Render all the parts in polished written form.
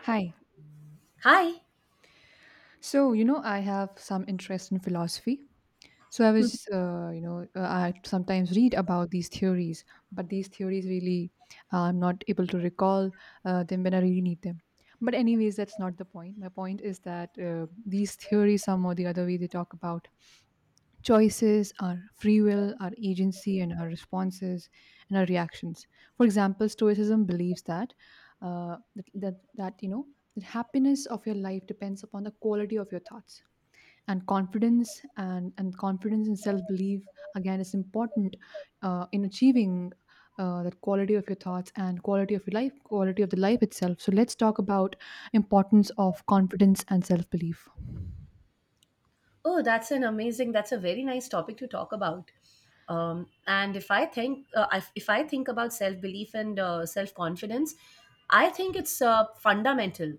Hi. Hi. So, I have some interest in philosophy. So, I Hmm. was, you know, I sometimes read about these theories, but these theories really, I'm not able to recall them when I really need them. But anyways, that's not the point. My point is that these theories, some or the other way, they talk about choices, our free will, our agency, and our responses and our reactions. For example, Stoicism believes uh, that, that that you know that happiness of your life depends upon the quality of your thoughts and confidence and self belief again is important in achieving. That quality of your thoughts and quality of your life quality of the life itself, so let's talk about importance of confidence and self-belief. Oh, that's an amazing. That's a very nice topic to talk about. And if I think, if I think about self belief and self confidence, I think it's fundamental.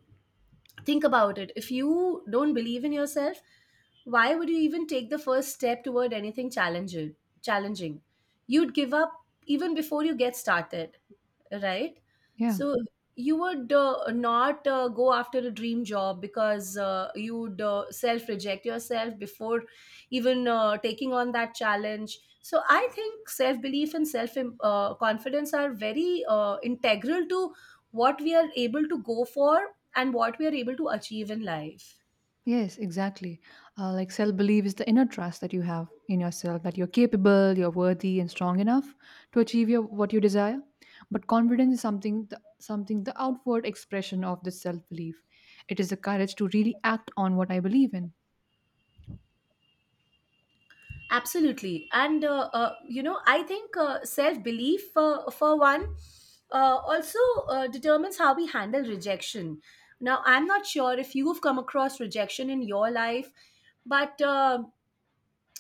Think about it. If you don't believe in yourself, why would you even take the first step toward anything challenging? Challenging, you'd give up even before you get started. Right? Yeah. So you would not go after a dream job because you would self reject yourself before even taking on that challenge. So I think self belief and self confidence are very integral to what we are able to go for and what we are able to achieve in life. Yes, exactly. Like self belief is the inner trust that you have in yourself that you're capable, you're worthy, and strong enough to achieve your, what you desire. But confidence is something, the outward expression of this self belief. It is the courage to really act on what I believe in. Absolutely. And, I think self belief, for one, also determines how we handle rejection. Now, I'm not sure if you've come across rejection in your life, but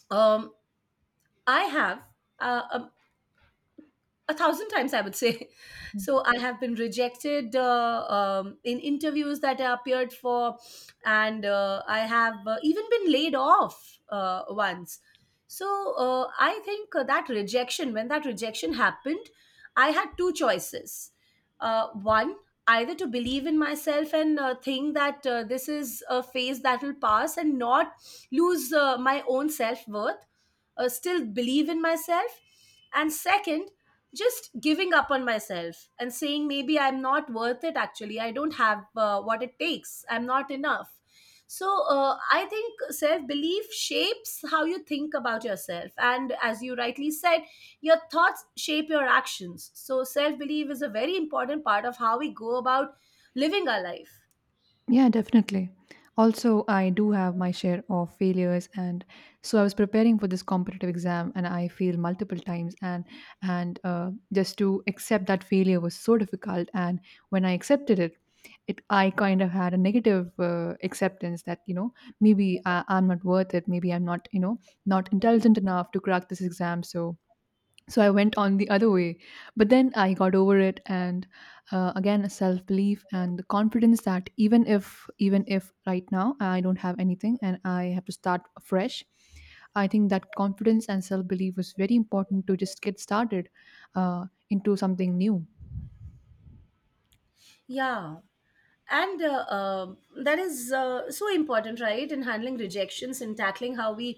um, I have. Uh, um, a thousand times I would say so I have been rejected in interviews that I appeared for and I have even been laid off once. So I think that rejection when that rejection happened I had two choices. One, either to believe in myself and think that this is a phase that will pass and not lose my own self-worth, still believe in myself. And second, just giving up on myself and saying maybe I'm not worth it, actually I don't have what it takes, I'm not enough. So I think self belief shapes how you think about yourself, and as you rightly said your thoughts shape your actions, so self belief is a very important part of how we go about living our life. Yeah, definitely. Also, I do have my share of failures, and so I was preparing for this competitive exam and I failed multiple times, and just to accept that failure was so difficult. And when I accepted it, I kind of had a negative acceptance that, maybe I'm not worth it. Maybe I'm not, not intelligent enough to crack this exam. So I went on the other way, but then I got over it. And again, self belief and the confidence that, even if right now I don't have anything and I have to start fresh, I think that confidence and self belief was very important to just get started into something new. Yeah, and that is so important, right, in handling rejections and tackling how we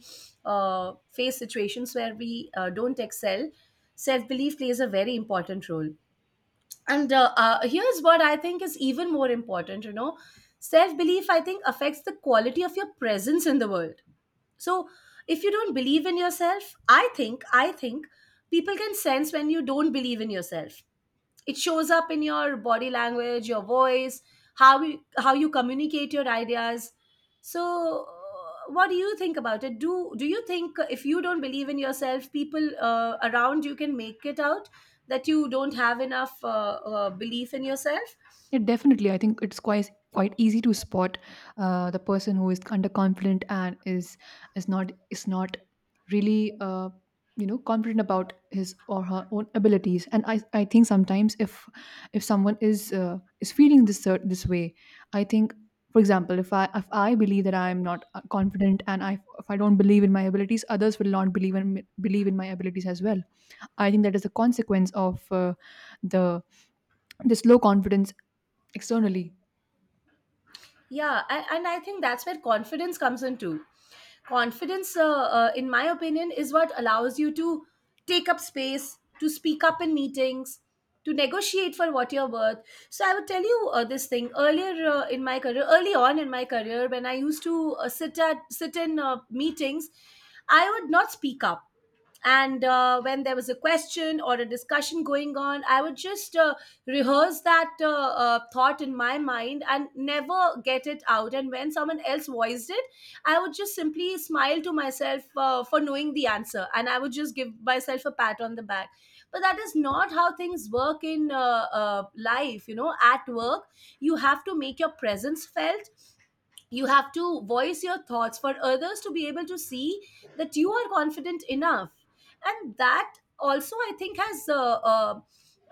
face situations where we don't excel. Self belief plays a very important role. And here's what I think is even more important, you know, self belief I think affects the quality of your presence in the world. So if you don't believe in yourself, I think people can sense when you don't believe in yourself. It shows up in your body language, your voice, how you communicate your ideas. So what do you think about it? Do you think if you don't believe in yourself, people around you can make it out that you don't have enough belief in yourself? Yeah, definitely. I think it's quite easy to spot the person who is underconfident and is not really confident about his or her own abilities. And I think sometimes if someone is feeling this way. I think. For example, if I, believe that I am not confident, and I if I don't believe in my abilities, others will not believe in my abilities as well. I think that is a consequence of the this low confidence externally. And I think that's where confidence comes in too. Confidence, in my opinion, is what allows you to take up space, to speak up in meetings, to negotiate for what you're worth. So I would tell you this thing earlier, in my career, early on in my career, when I used to sit in meetings, I would not speak up. And when there was a question or a discussion going on, I would just rehearse that thought in my mind and never get it out, and when someone else voiced it, I would just simply smile to myself for knowing the answer, and I would just give myself a pat on the back. But that is not how things work in life, you know, at work. You have to make your presence felt. You have to voice your thoughts for others to be able to see that you are confident enough. And that also I think has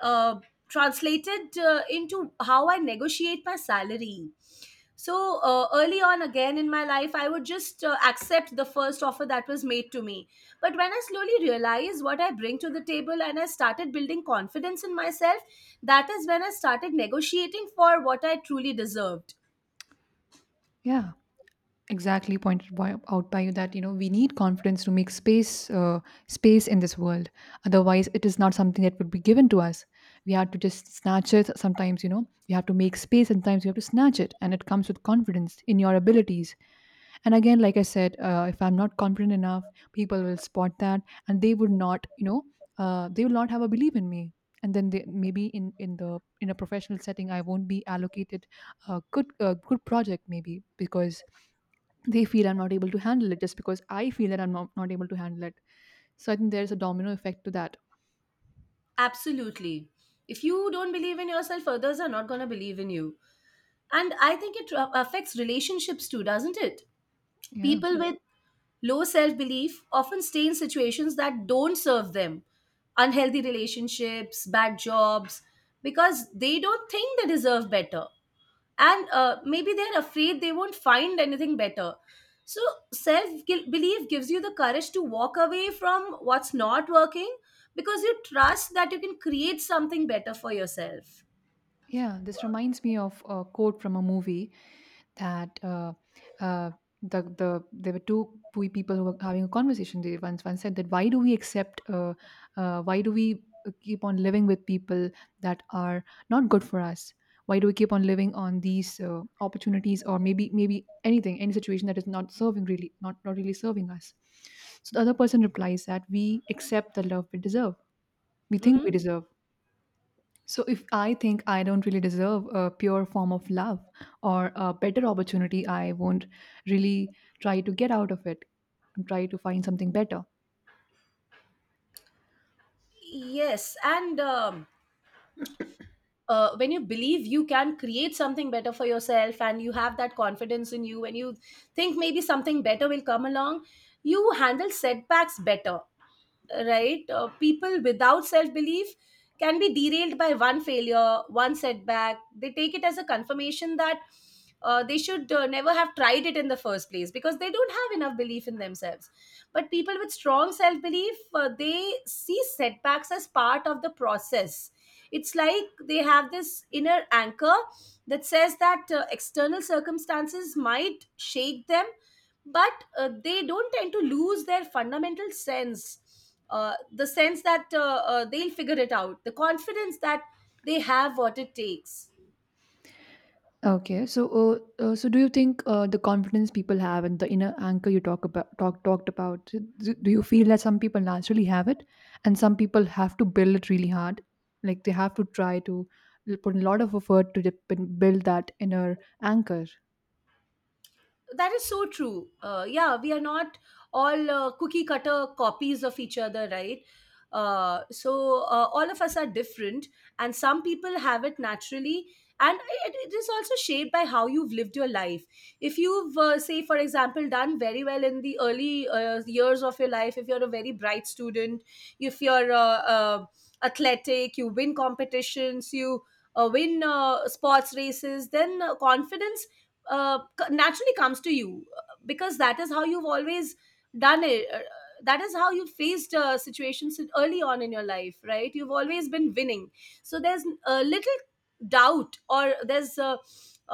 uh, translated into how I negotiate my salary. So early on again in my life, I would just accept the first offer that was made to me. But when I slowly realized what I bring to the table and I started building confidence in myself, that is when I started negotiating for what I truly deserved. Yeah, exactly pointed, out by you, that we need confidence to make space in this world. Otherwise it is not something that would be given to us. We have to just snatch it. Sometimes, you have to make space, sometimes you have to snatch it, and it comes with confidence in your abilities. And again, like I said, if I'm not confident enough, people will spot that, and they would not you know they will not have a belief in me. And then, maybe in a professional setting, I won't be allocated a good project, maybe, because they feel I'm not able to handle it, just because I feel that I'm not able to handle it. So I think there's a domino effect to that. Absolutely. If you don't believe in yourself, others are not going to believe in you. And I think it affects relationships too, doesn't it? Yeah. People with low self belief often stay in situations that don't serve them, unhealthy relationships, bad jobs, because they don't think they deserve better, and maybe they're afraid they won't find anything better. So belief gives you the courage to walk away from what's not working, because you trust that you can create something better for yourself. Yeah, this reminds me of a quote from a movie that, uh, there were two people who were having a conversation. They Once one said that, why do we accept, why do we keep on living with people that are not good for us? Why do we keep on living on these opportunities, or maybe anything, any situation that is not serving, really, not really serving us? So the other person replies that we accept the love we deserve. We think Hmm. we deserve. So, if I think I don't really deserve a pure form of love or a better opportunity, I won't really try to get out of it and try to find something better. Yes, and when you believe you can create something better for yourself and you have that confidence in you, and you think maybe something better will come along, you handle setbacks better, right? People without self belief can be derailed by one failure, one setback. They take it as a confirmation that they should never have tried it in the first place because they don't have enough belief in themselves. But people with strong self belief, they see setbacks as part of the process. It's like they have this inner anchor that says that external circumstances might shake them, but they don't tend to lose their fundamental sense, the sense that they'll figure it out, the confidence that they have what it takes. Okay, so, do you think, the confidence people have and the inner anchor you talked about? Do you feel that some people naturally have it, and some people have to build it really hard? Like they have to try to put a lot of effort to build that inner anchor. That is so true. Yeah, we are not all cookie cutter copies of each other, right? So all of us are different, and some people have it naturally, and it is also shaped by how you've lived your life. If you've, say, for example, done very well in the early years of your life, if you're a very bright student, if you're athletic, you win competitions, you win sports races, then confidence naturally comes to you because that is how you've always done it. That is how you faced early on in your life, right? You've always been winning, so there's little doubt, or there's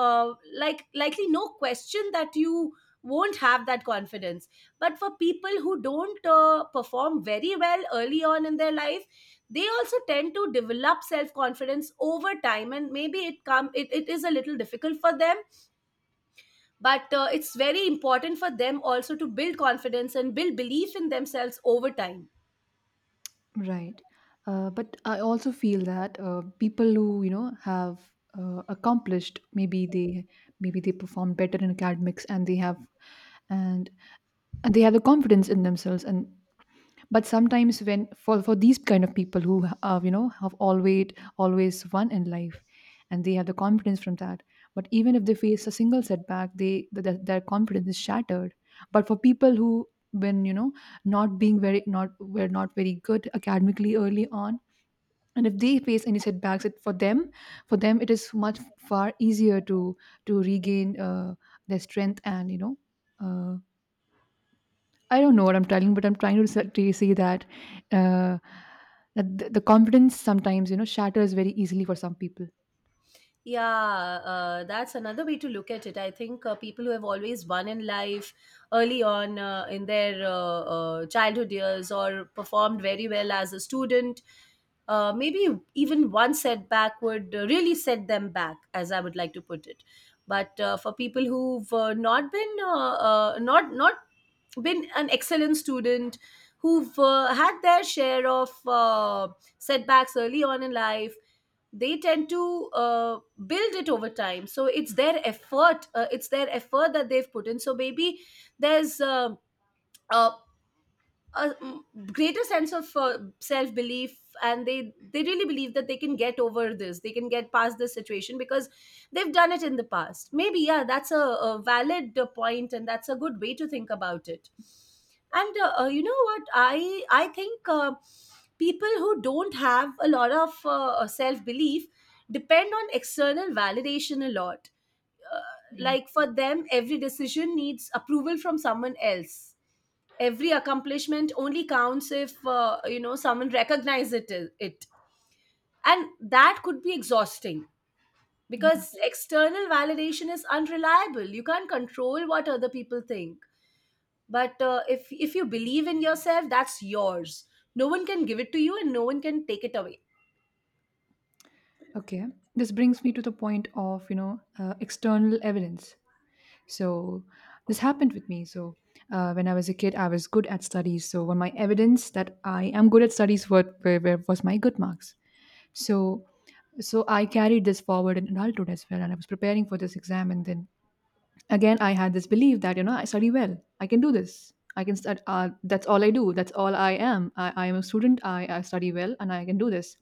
uh, likely no question that you won't have that confidence. But for people who don't perform very well early on in their life, they also tend to develop self confidence over time, and maybe it is a little difficult for them, but it's very important for them also to build confidence and build belief in themselves over time. Right. But I also feel that people who, have accomplished, maybe they, perform better in academics, and, and they have the confidence in themselves. And but sometimes, for these kind of people who, have always won in life, and they have the confidence from that, but even if they face a single setback, their confidence is shattered. But for people who, when, not being very, not were not very good academically early on, and if they face any setbacks, for them, it is much far easier to regain their strength. And, uh, I don't know what I'm telling, but I'm trying to to say that, uh, the confidence sometimes, shatters very easily for some people, Yeah, that's another way to look at it. I think people who have always won in life early on in their childhood years, or performed very well as a student, maybe even one setback would really set them back, as I would like to put it. But for people who've not been not been an excellent student, who've had their share of setbacks early on in life, they tend to build it over time, so it's their effort, it's their effort that they've put in, so maybe there's uh, a greater sense of self belief, and they really believe that they can get over this, they can get past this situation because they've done it in the past maybe. Yeah, that's a valid point, and that's a good way to think about it. And you know what, I think people who don't have a lot of self belief depend on external validation a lot. uh, right? like, for them every decision needs approval from someone else, every accomplishment only counts if, you know, someone recognizes it, and that could be exhausting, Yeah. because external validation is unreliable, you can't control what other people think. But if you believe in yourself, that's yours. No one can give it to you and no one can take it away. Okay. This brings me to the point of, external evidence. So this happened with me. So when I was a kid, I was good at studies. So when my evidence that I am good at studies were was my good marks. So, I carried this forward in adulthood as well, and I was preparing for this exam, and then again, I had this belief that, I study well. I can do this. I can stud That's all I do. That's all I am. I am a student. I study well and I can do this.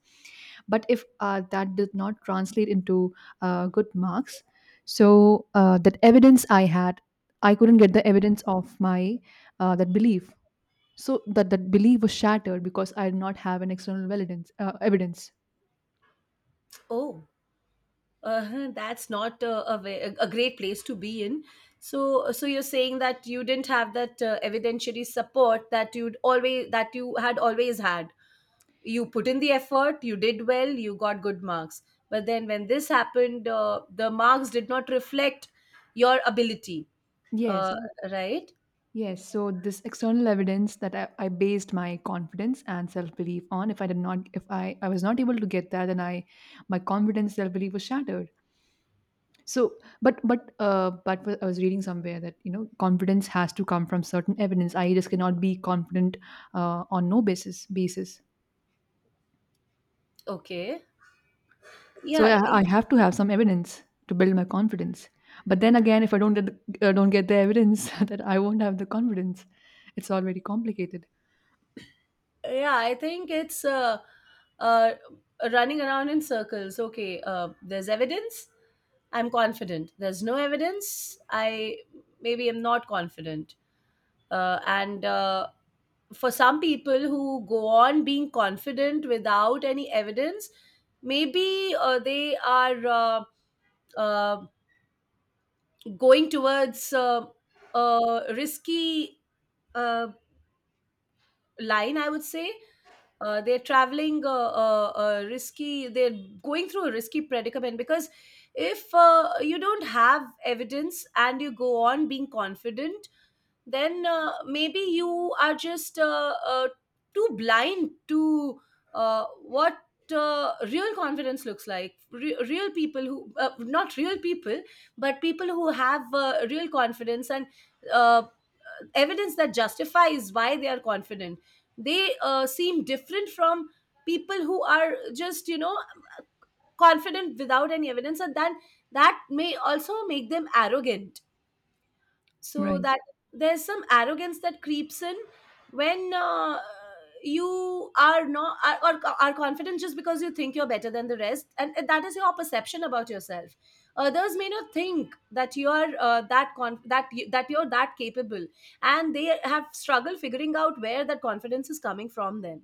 But if that did not translate into good marks. So, that evidence I had, I couldn't get the evidence of my, that belief. So that belief was shattered because I did not have an external evidence. Oh, that's not a great place to be in. So you're saying that you didn't have that evidentiary support that you'd always that you had always had. You put in the effort, you did well, you got good marks, but then when this happened, the marks did not reflect your ability. Yes, uh, right. Yes, so this external evidence that I based my confidence and self belief on, if I did not, if I, I was not able to get that, then my confidence self belief was shattered. So, but I was reading somewhere that, confidence has to come from certain evidence. I just cannot be confident on no basis. Okay. So yeah y- I have to have some evidence to build my confidence. But then again, if I don't don't get the evidence, that I won't have the confidence. It's all very complicated. yeah, I think it's uh, running around in circles. Okay, there's evidence, I'm confident; there's no evidence, I maybe am not confident. And For some people who go on being confident without any evidence, maybe they are uh, going towards a risky uh, line, I would say. They're traveling a risky, they're going through a risky predicament, because if you don't have evidence and you go on being confident, then maybe you are just too blind to what real confidence looks like. Real people who, not real people, but people who have real confidence and uh, evidence that justifies why they are confident. They seem different from people who are just, confident without any evidence, and then that may also make them arrogant so Right. that there's some arrogance that creeps in when you are not are confident just because you think you're better than the rest, and that is your perception about yourself. Others may not think that you're that you're that capable, and they have struggled figuring out where that confidence is coming from then.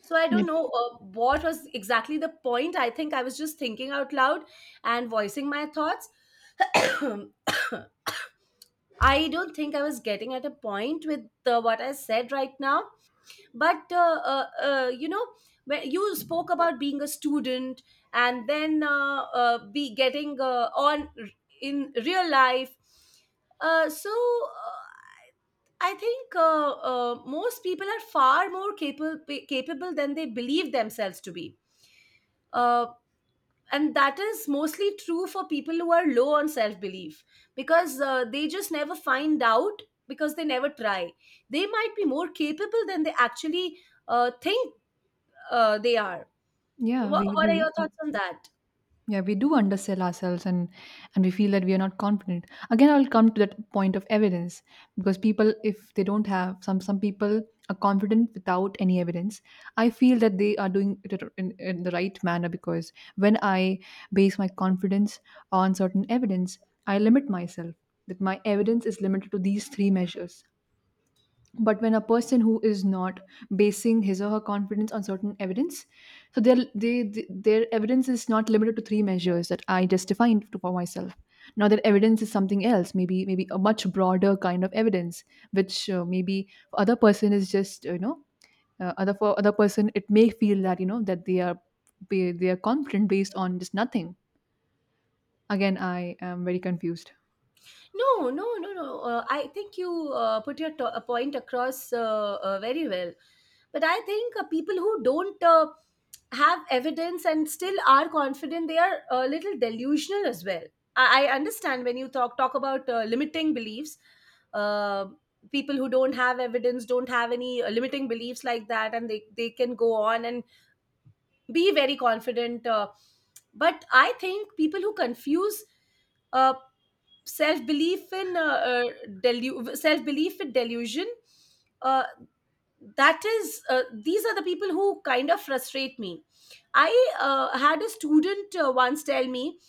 So I Yeah. don't know what was exactly the point. I think I was just thinking out loud and voicing my thoughts. I don't think I was getting at a point with what I said right now, but when you spoke about being a student and then be getting in real life, uh, so uh, I think most people are far more capable than they believe themselves to be. Uh, and that is mostly true for people who are low on self belief because they just never find out because they never try. They might be more capable than they actually think they are. Yeah. what, what are We your thoughts on that? Yeah, we do undersell ourselves, and we feel that we are not confident. Again, I'll come to that point of evidence, because people, if they don't have some, people are confident without any evidence. I feel that they are doing it in, the right manner, because when I base my confidence on certain evidence, I limit myself, that my evidence is limited to these three measures. But when a person who is not basing his or her confidence on certain evidence, so their evidence is not limited to three measures that I just defined for myself. Now their evidence is something else. Maybe a much broader kind of evidence, which, maybe for other person, is just, other for other person, it may feel that, that they are, they are confident based on just nothing. Again, I am very confused. No, no, no, no. I think you a point across very well. But I think people who don't have evidence and still are confident, they are a little delusional as well. I understand when you talk about limiting beliefs. Uh, People who don't have evidence don't have any limiting beliefs like that, and they can go on and be very confident. But I think people who confuse uh, self belief in self belief in delusion, uh, that is these are the people who kind of frustrate me. I had a student once tell me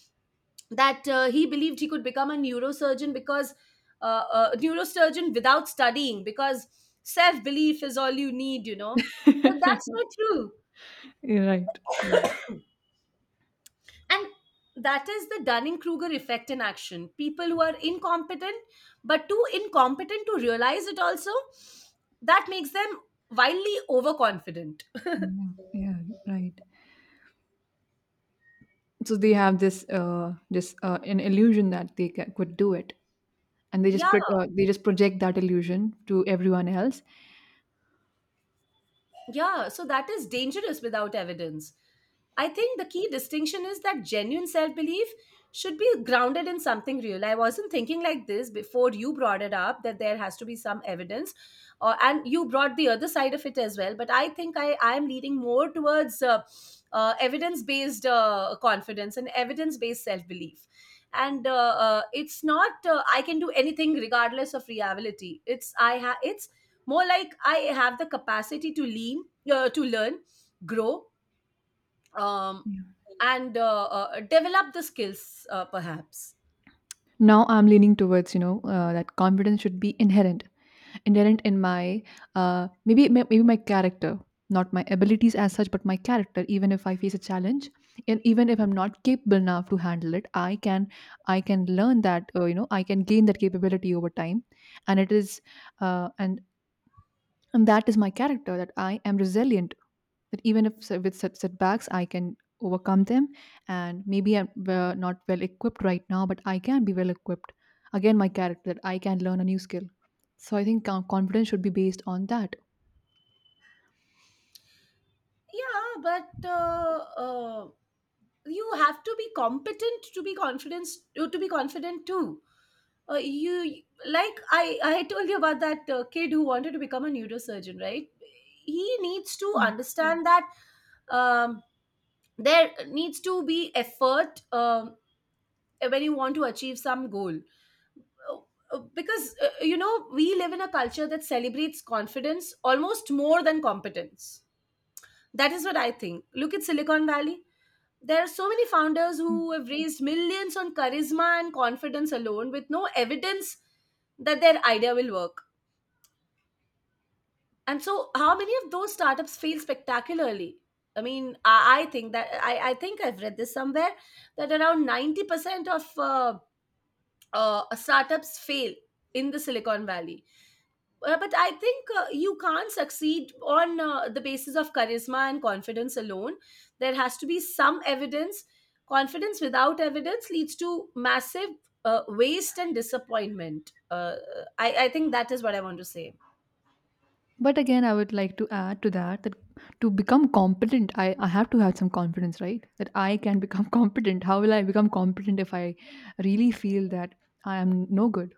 that he believed he could become a neurosurgeon because neurosurgeon without studying, because self belief is all you need, but that's not true. You're right. Right. And that is the Dunning Kruger effect in action. People who are incompetent, but too incompetent to realize it also, that makes them wildly overconfident. Yeah, yeah, right. So they have this this an illusion that they could do it, and they just Yeah, pro- uh, they just project that illusion to everyone else. Yeah, so that is dangerous without evidence. I think the key distinction is that genuine self belief should be grounded in something real. I wasn't thinking like this before you brought it up, that there has to be some evidence, or and you brought the other side of it as well. But I think I am leaning more towards evidence based confidence and evidence based self belief. And it's not I can do anything regardless of reality. It's more like I have the capacity to lean to learn, grow, um, Yeah. and develop the skills perhaps. Now I'm leaning towards, that confidence should be inherent in my, maybe maybe my character, not my abilities as such, but my character. Even if I face a challenge, and even if I'm not capable enough to handle it, I can learn that, I can gain that capability over time. And it is, uh, and and that is my character, that I am resilient, that even if with setbacks I can overcome them. And maybe I'm, not well equipped right now, but I can be well equipped. Again, my character, that I can learn a new skill. So I think, confidence should be based on that. Yeah, but uh, you have to be competent to be confident too. You, like I told you about that kid who wanted to become a neurosurgeon, right? He needs to Yeah, understand that um, there needs to be effort when you want to achieve some goal. Uh, because we live in a culture that celebrates confidence almost more than competence. That is what I think. Look at Silicon Valley. There are so many founders who have raised millions on charisma and confidence alone, with no evidence that their idea will work. And so, how many of those startups fail spectacularly? I think that I've read this somewhere that around 90% of startups fail in the Silicon Valley. But I think you can't succeed on the basis of charisma and confidence alone. There has to be some evidence. Confidence without evidence leads to massive waste and disappointment. I think that is what I want to say. but again I would like to add to that, that to become competent, I have to have some confidence, right? That I can become competent. How will I become competent if I really feel that I am no good?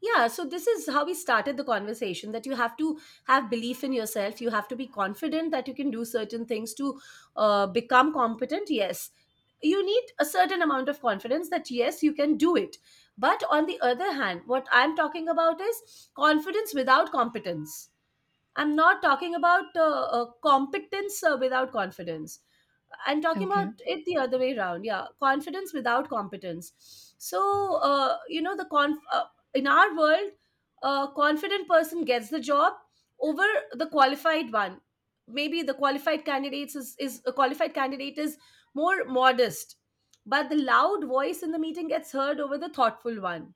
Yeah, so this is how we started the conversation, that you have to have belief in yourself. You have to be confident that you can do certain things to become competent. Yes, you need a certain amount of confidence that yes, you can do it, but on the other hand, what I'm talking about is confidence without competence. I'm not talking about competence without confidence. I'm talking about Okay, it the other way around. Yeah, confidence without competence. So in our world, a confident person gets the job over the qualified one. Maybe the qualified candidates is a qualified candidate is more modest, but the loud voice in the meeting gets heard over the thoughtful one.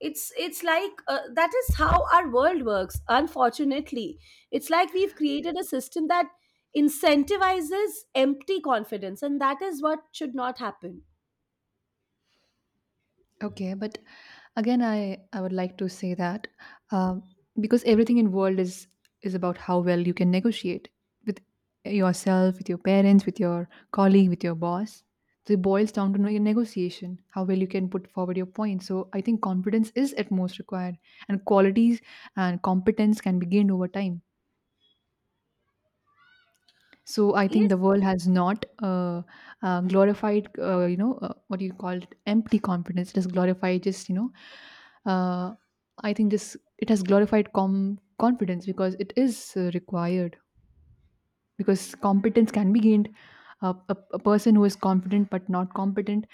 It's like That is how our world works, unfortunately. It's like we've created a system that incentivizes empty confidence, and that is what should not happen. okay, but again I would like to say that, um, because everything in world is about how well you can negotiate with yourself, with your parents, with your colleague, with your boss. So it boils down to know your negotiation, how well you can put forward your point. So I think confidence is at most required, and qualities, and competence can be gained over time. So I think Yes, the world has not glorified, you know, what do you call it, empty confidence. It has glorified just, you know, uh, I think this it has glorified confidence because it is required, because competence can be gained. A person who is competent but not competent,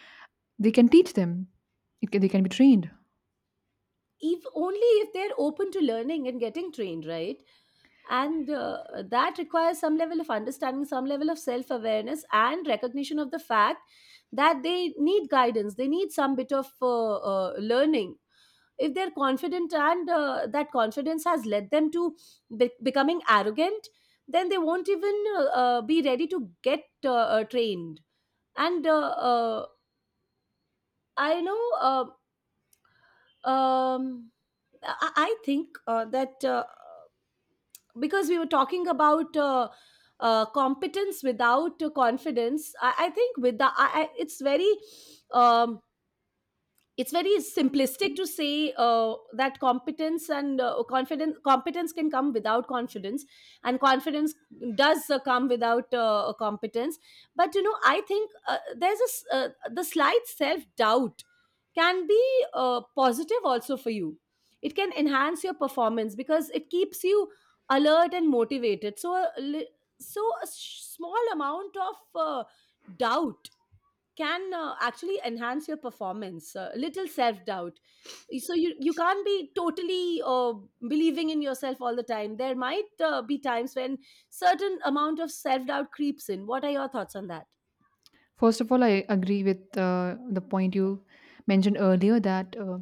they can teach them. It can, they can be trained. if only if they're open to learning and getting trained, right? And that requires some level of understanding, some level of self awareness, and recognition of the fact that they need guidance, they need some bit of learning. If they're confident and that confidence has led them to becoming arrogant, then they won't even be ready to get trained. And uh, I know um, I think that because we were talking about competence without confidence, I think with the I, um, it's very simplistic to say that competence can come without confidence, and confidence does come without competence. But you know, I think the slight self doubt can be positive also for you. It can enhance your performance because it keeps you alert and motivated. So a small amount of doubt can actually enhance your performance, little self doubt. So you can't be totally believing in yourself all the time. There might be times when certain amount of self doubt creeps in. What are your thoughts on that? First of all, I agree with the point you mentioned earlier, that,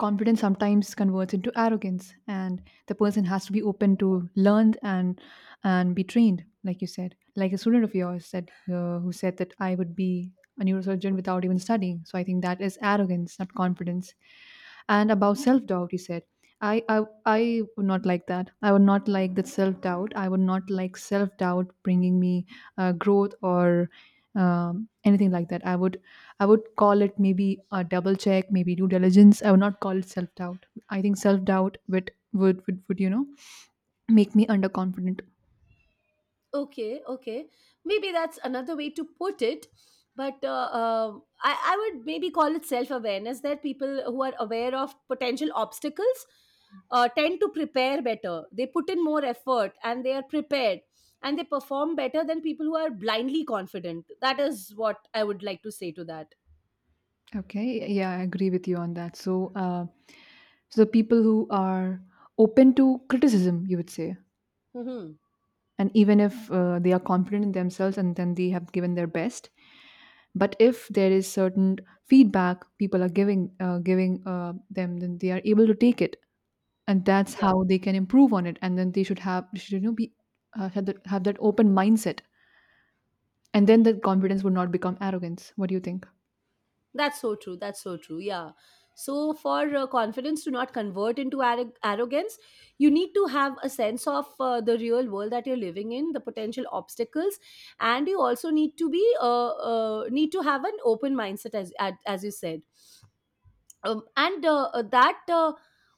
confidence sometimes converts into arrogance, and the person has to be open to learn and be trained, like you said. Like a student of yours said, who said that I would be a neurosurgeon without even studying. So I think that is arrogance, not confidence. And about self doubt, you said, I would not like that. I would not like that self doubt. I would not like self doubt bringing me growth or anything like that. I would call it maybe a double check, maybe due diligence. I would not call it self doubt. I think self doubt would make me underconfident. Okay, okay. Maybe that's another way to put it. But I would maybe call it self awareness, that people who are aware of potential obstacles tend to prepare better. They put in more effort and they are prepared, and they perform better than people who are blindly confident. That is what I would like to say to that. Okay, yeah, I agree with you on that. So the people who are open to criticism, you would say, Hmm. and even if they are confident in themselves and then they have given their best, but if there is certain feedback people are giving them, then they are able to take it, and that's Yeah. how they can improve on it. And then they should be, have that open mindset, and then that confidence would not become arrogance. What do you think? That's so true. That's so true. Yeah. So, for confidence to not convert into arrogance, you need to have a sense of the real world that you're living in, the potential obstacles, and you also need to be need to have an open mindset, as you said. And That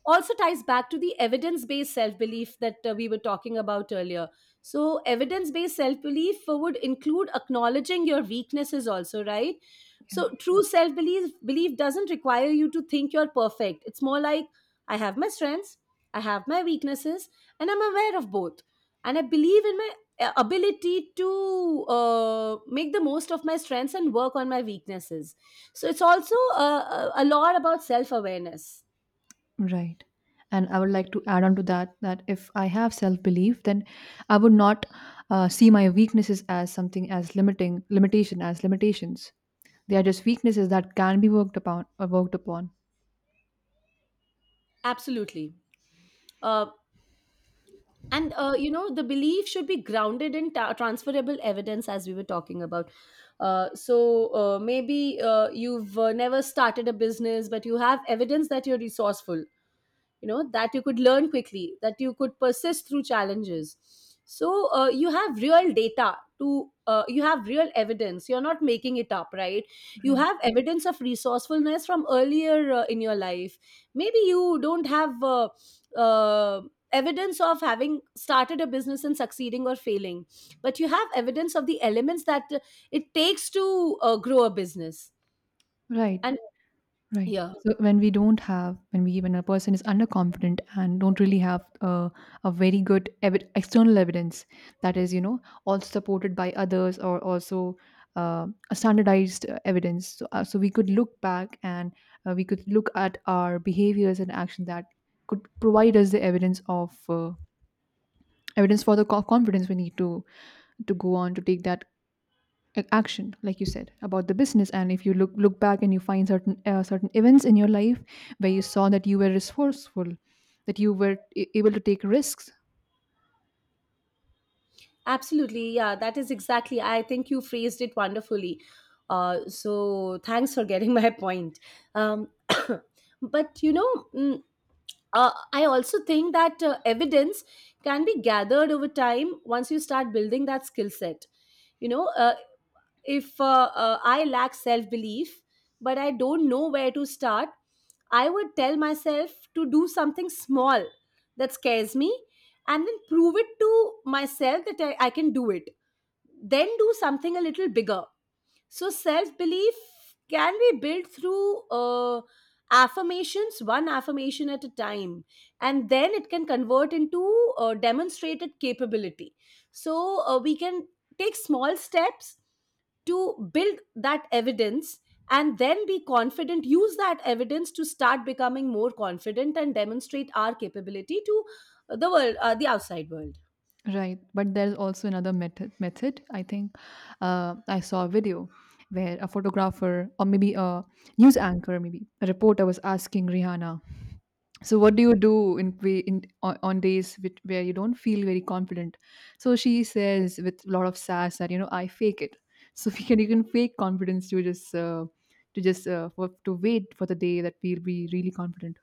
also ties back to the evidence-based self-belief that we were talking about earlier. So evidence-based self-belief would include acknowledging your weaknesses also, right? So true self-belief belief doesn't require you to think you're perfect. It's more like, I have my strengths, I have my weaknesses, and I'm aware of both, and I believe in my ability to make the most of my strengths and work on my weaknesses. So it's also a lot about self awareness. Yeah, right. And I would like to add on to that, that if I have self belief, then I would not, see my weaknesses as something as limiting, limitation, as limitations. They are just weaknesses that can be worked upon. Absolutely. Uh, and, the belief should be grounded in transferable evidence, as we were talking about. So maybe you've never started a business, but you have evidence that you're resourceful. You know that you could learn quickly, that you could persist through challenges. So you have real data to you have real evidence. You're not making it up, right? You Right, have evidence of resourcefulness from earlier in your life. Maybe you don't have uh, evidence of having started a business and succeeding or failing, but you have evidence of the elements that it takes to grow a business. right, And right. yeah. So when we don't have, when a person is underconfident and don't really have, a very good external evidence, that is, you know, also supported by others, or also a standardized, evidence. So we could look back, and we could look at our behaviors and action that could provide us the evidence for the confidence we need to go on to take that action, like you said about the business. And if you look back and you find certain, certain events in your life where you saw that you were resourceful, that you were able to take risks. Absolutely. Yeah, that is exactly. I think you phrased it wonderfully. So thanks for getting my point. Um, but you know, I also think that evidence can be gathered over time once you start building that skill set. You know, if I lack self belief but I don't know where to start, I would tell myself to do something small that scares me, and then prove it to myself that I can do it. Then do something a little bigger. So self belief can be built through affirmations, one affirmation at a time, and then it can convert into demonstrated capability. So we can take small steps to build that evidence, and then be confident, use that evidence to start becoming more confident and demonstrate our capability to the world, the outside world. Right, but there's also another method, I think. uh, I saw a video where a photographer, or maybe a news anchor, maybe a reporter, was asking Rihanna, "So what do you do in on days where you don't feel very confident?" So she says, with a lot of sass, that you know, I fake it. So we can you can fake confidence, to wait for the day that we'll be really confident.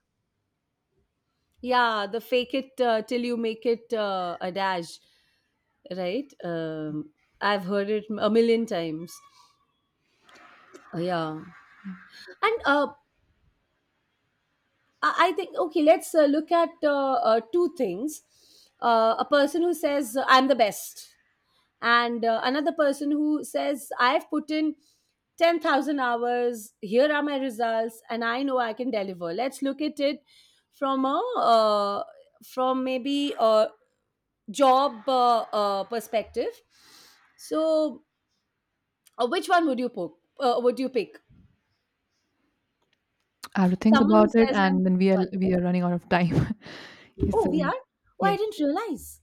Yeah, the fake it till you make it adage, right? I've heard it a million times. Yeah. Yeah, And I think, okay, let's look at two things. A person who says, I'm the best, and another person who says, I've put in 10,000 hours, here are my results, and I know I can deliver. Let's look at it from a from maybe job perspective. So, which one would you pick? Would you pick I have to think someone who about it, says I'm and then we are confident? we are running out of time Yes, Oh, so we we, are. Oh, I yes. didn't realize.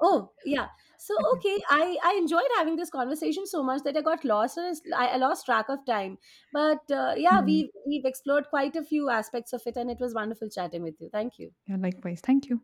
Oh, yeah. So Okay. okay, I enjoyed having this conversation so much that I got lost, and I lost track of time. But yeah, Yeah, we we've explored quite a few aspects of it, and it was wonderful chatting with you. Thank you. yeah, likewise, thank you.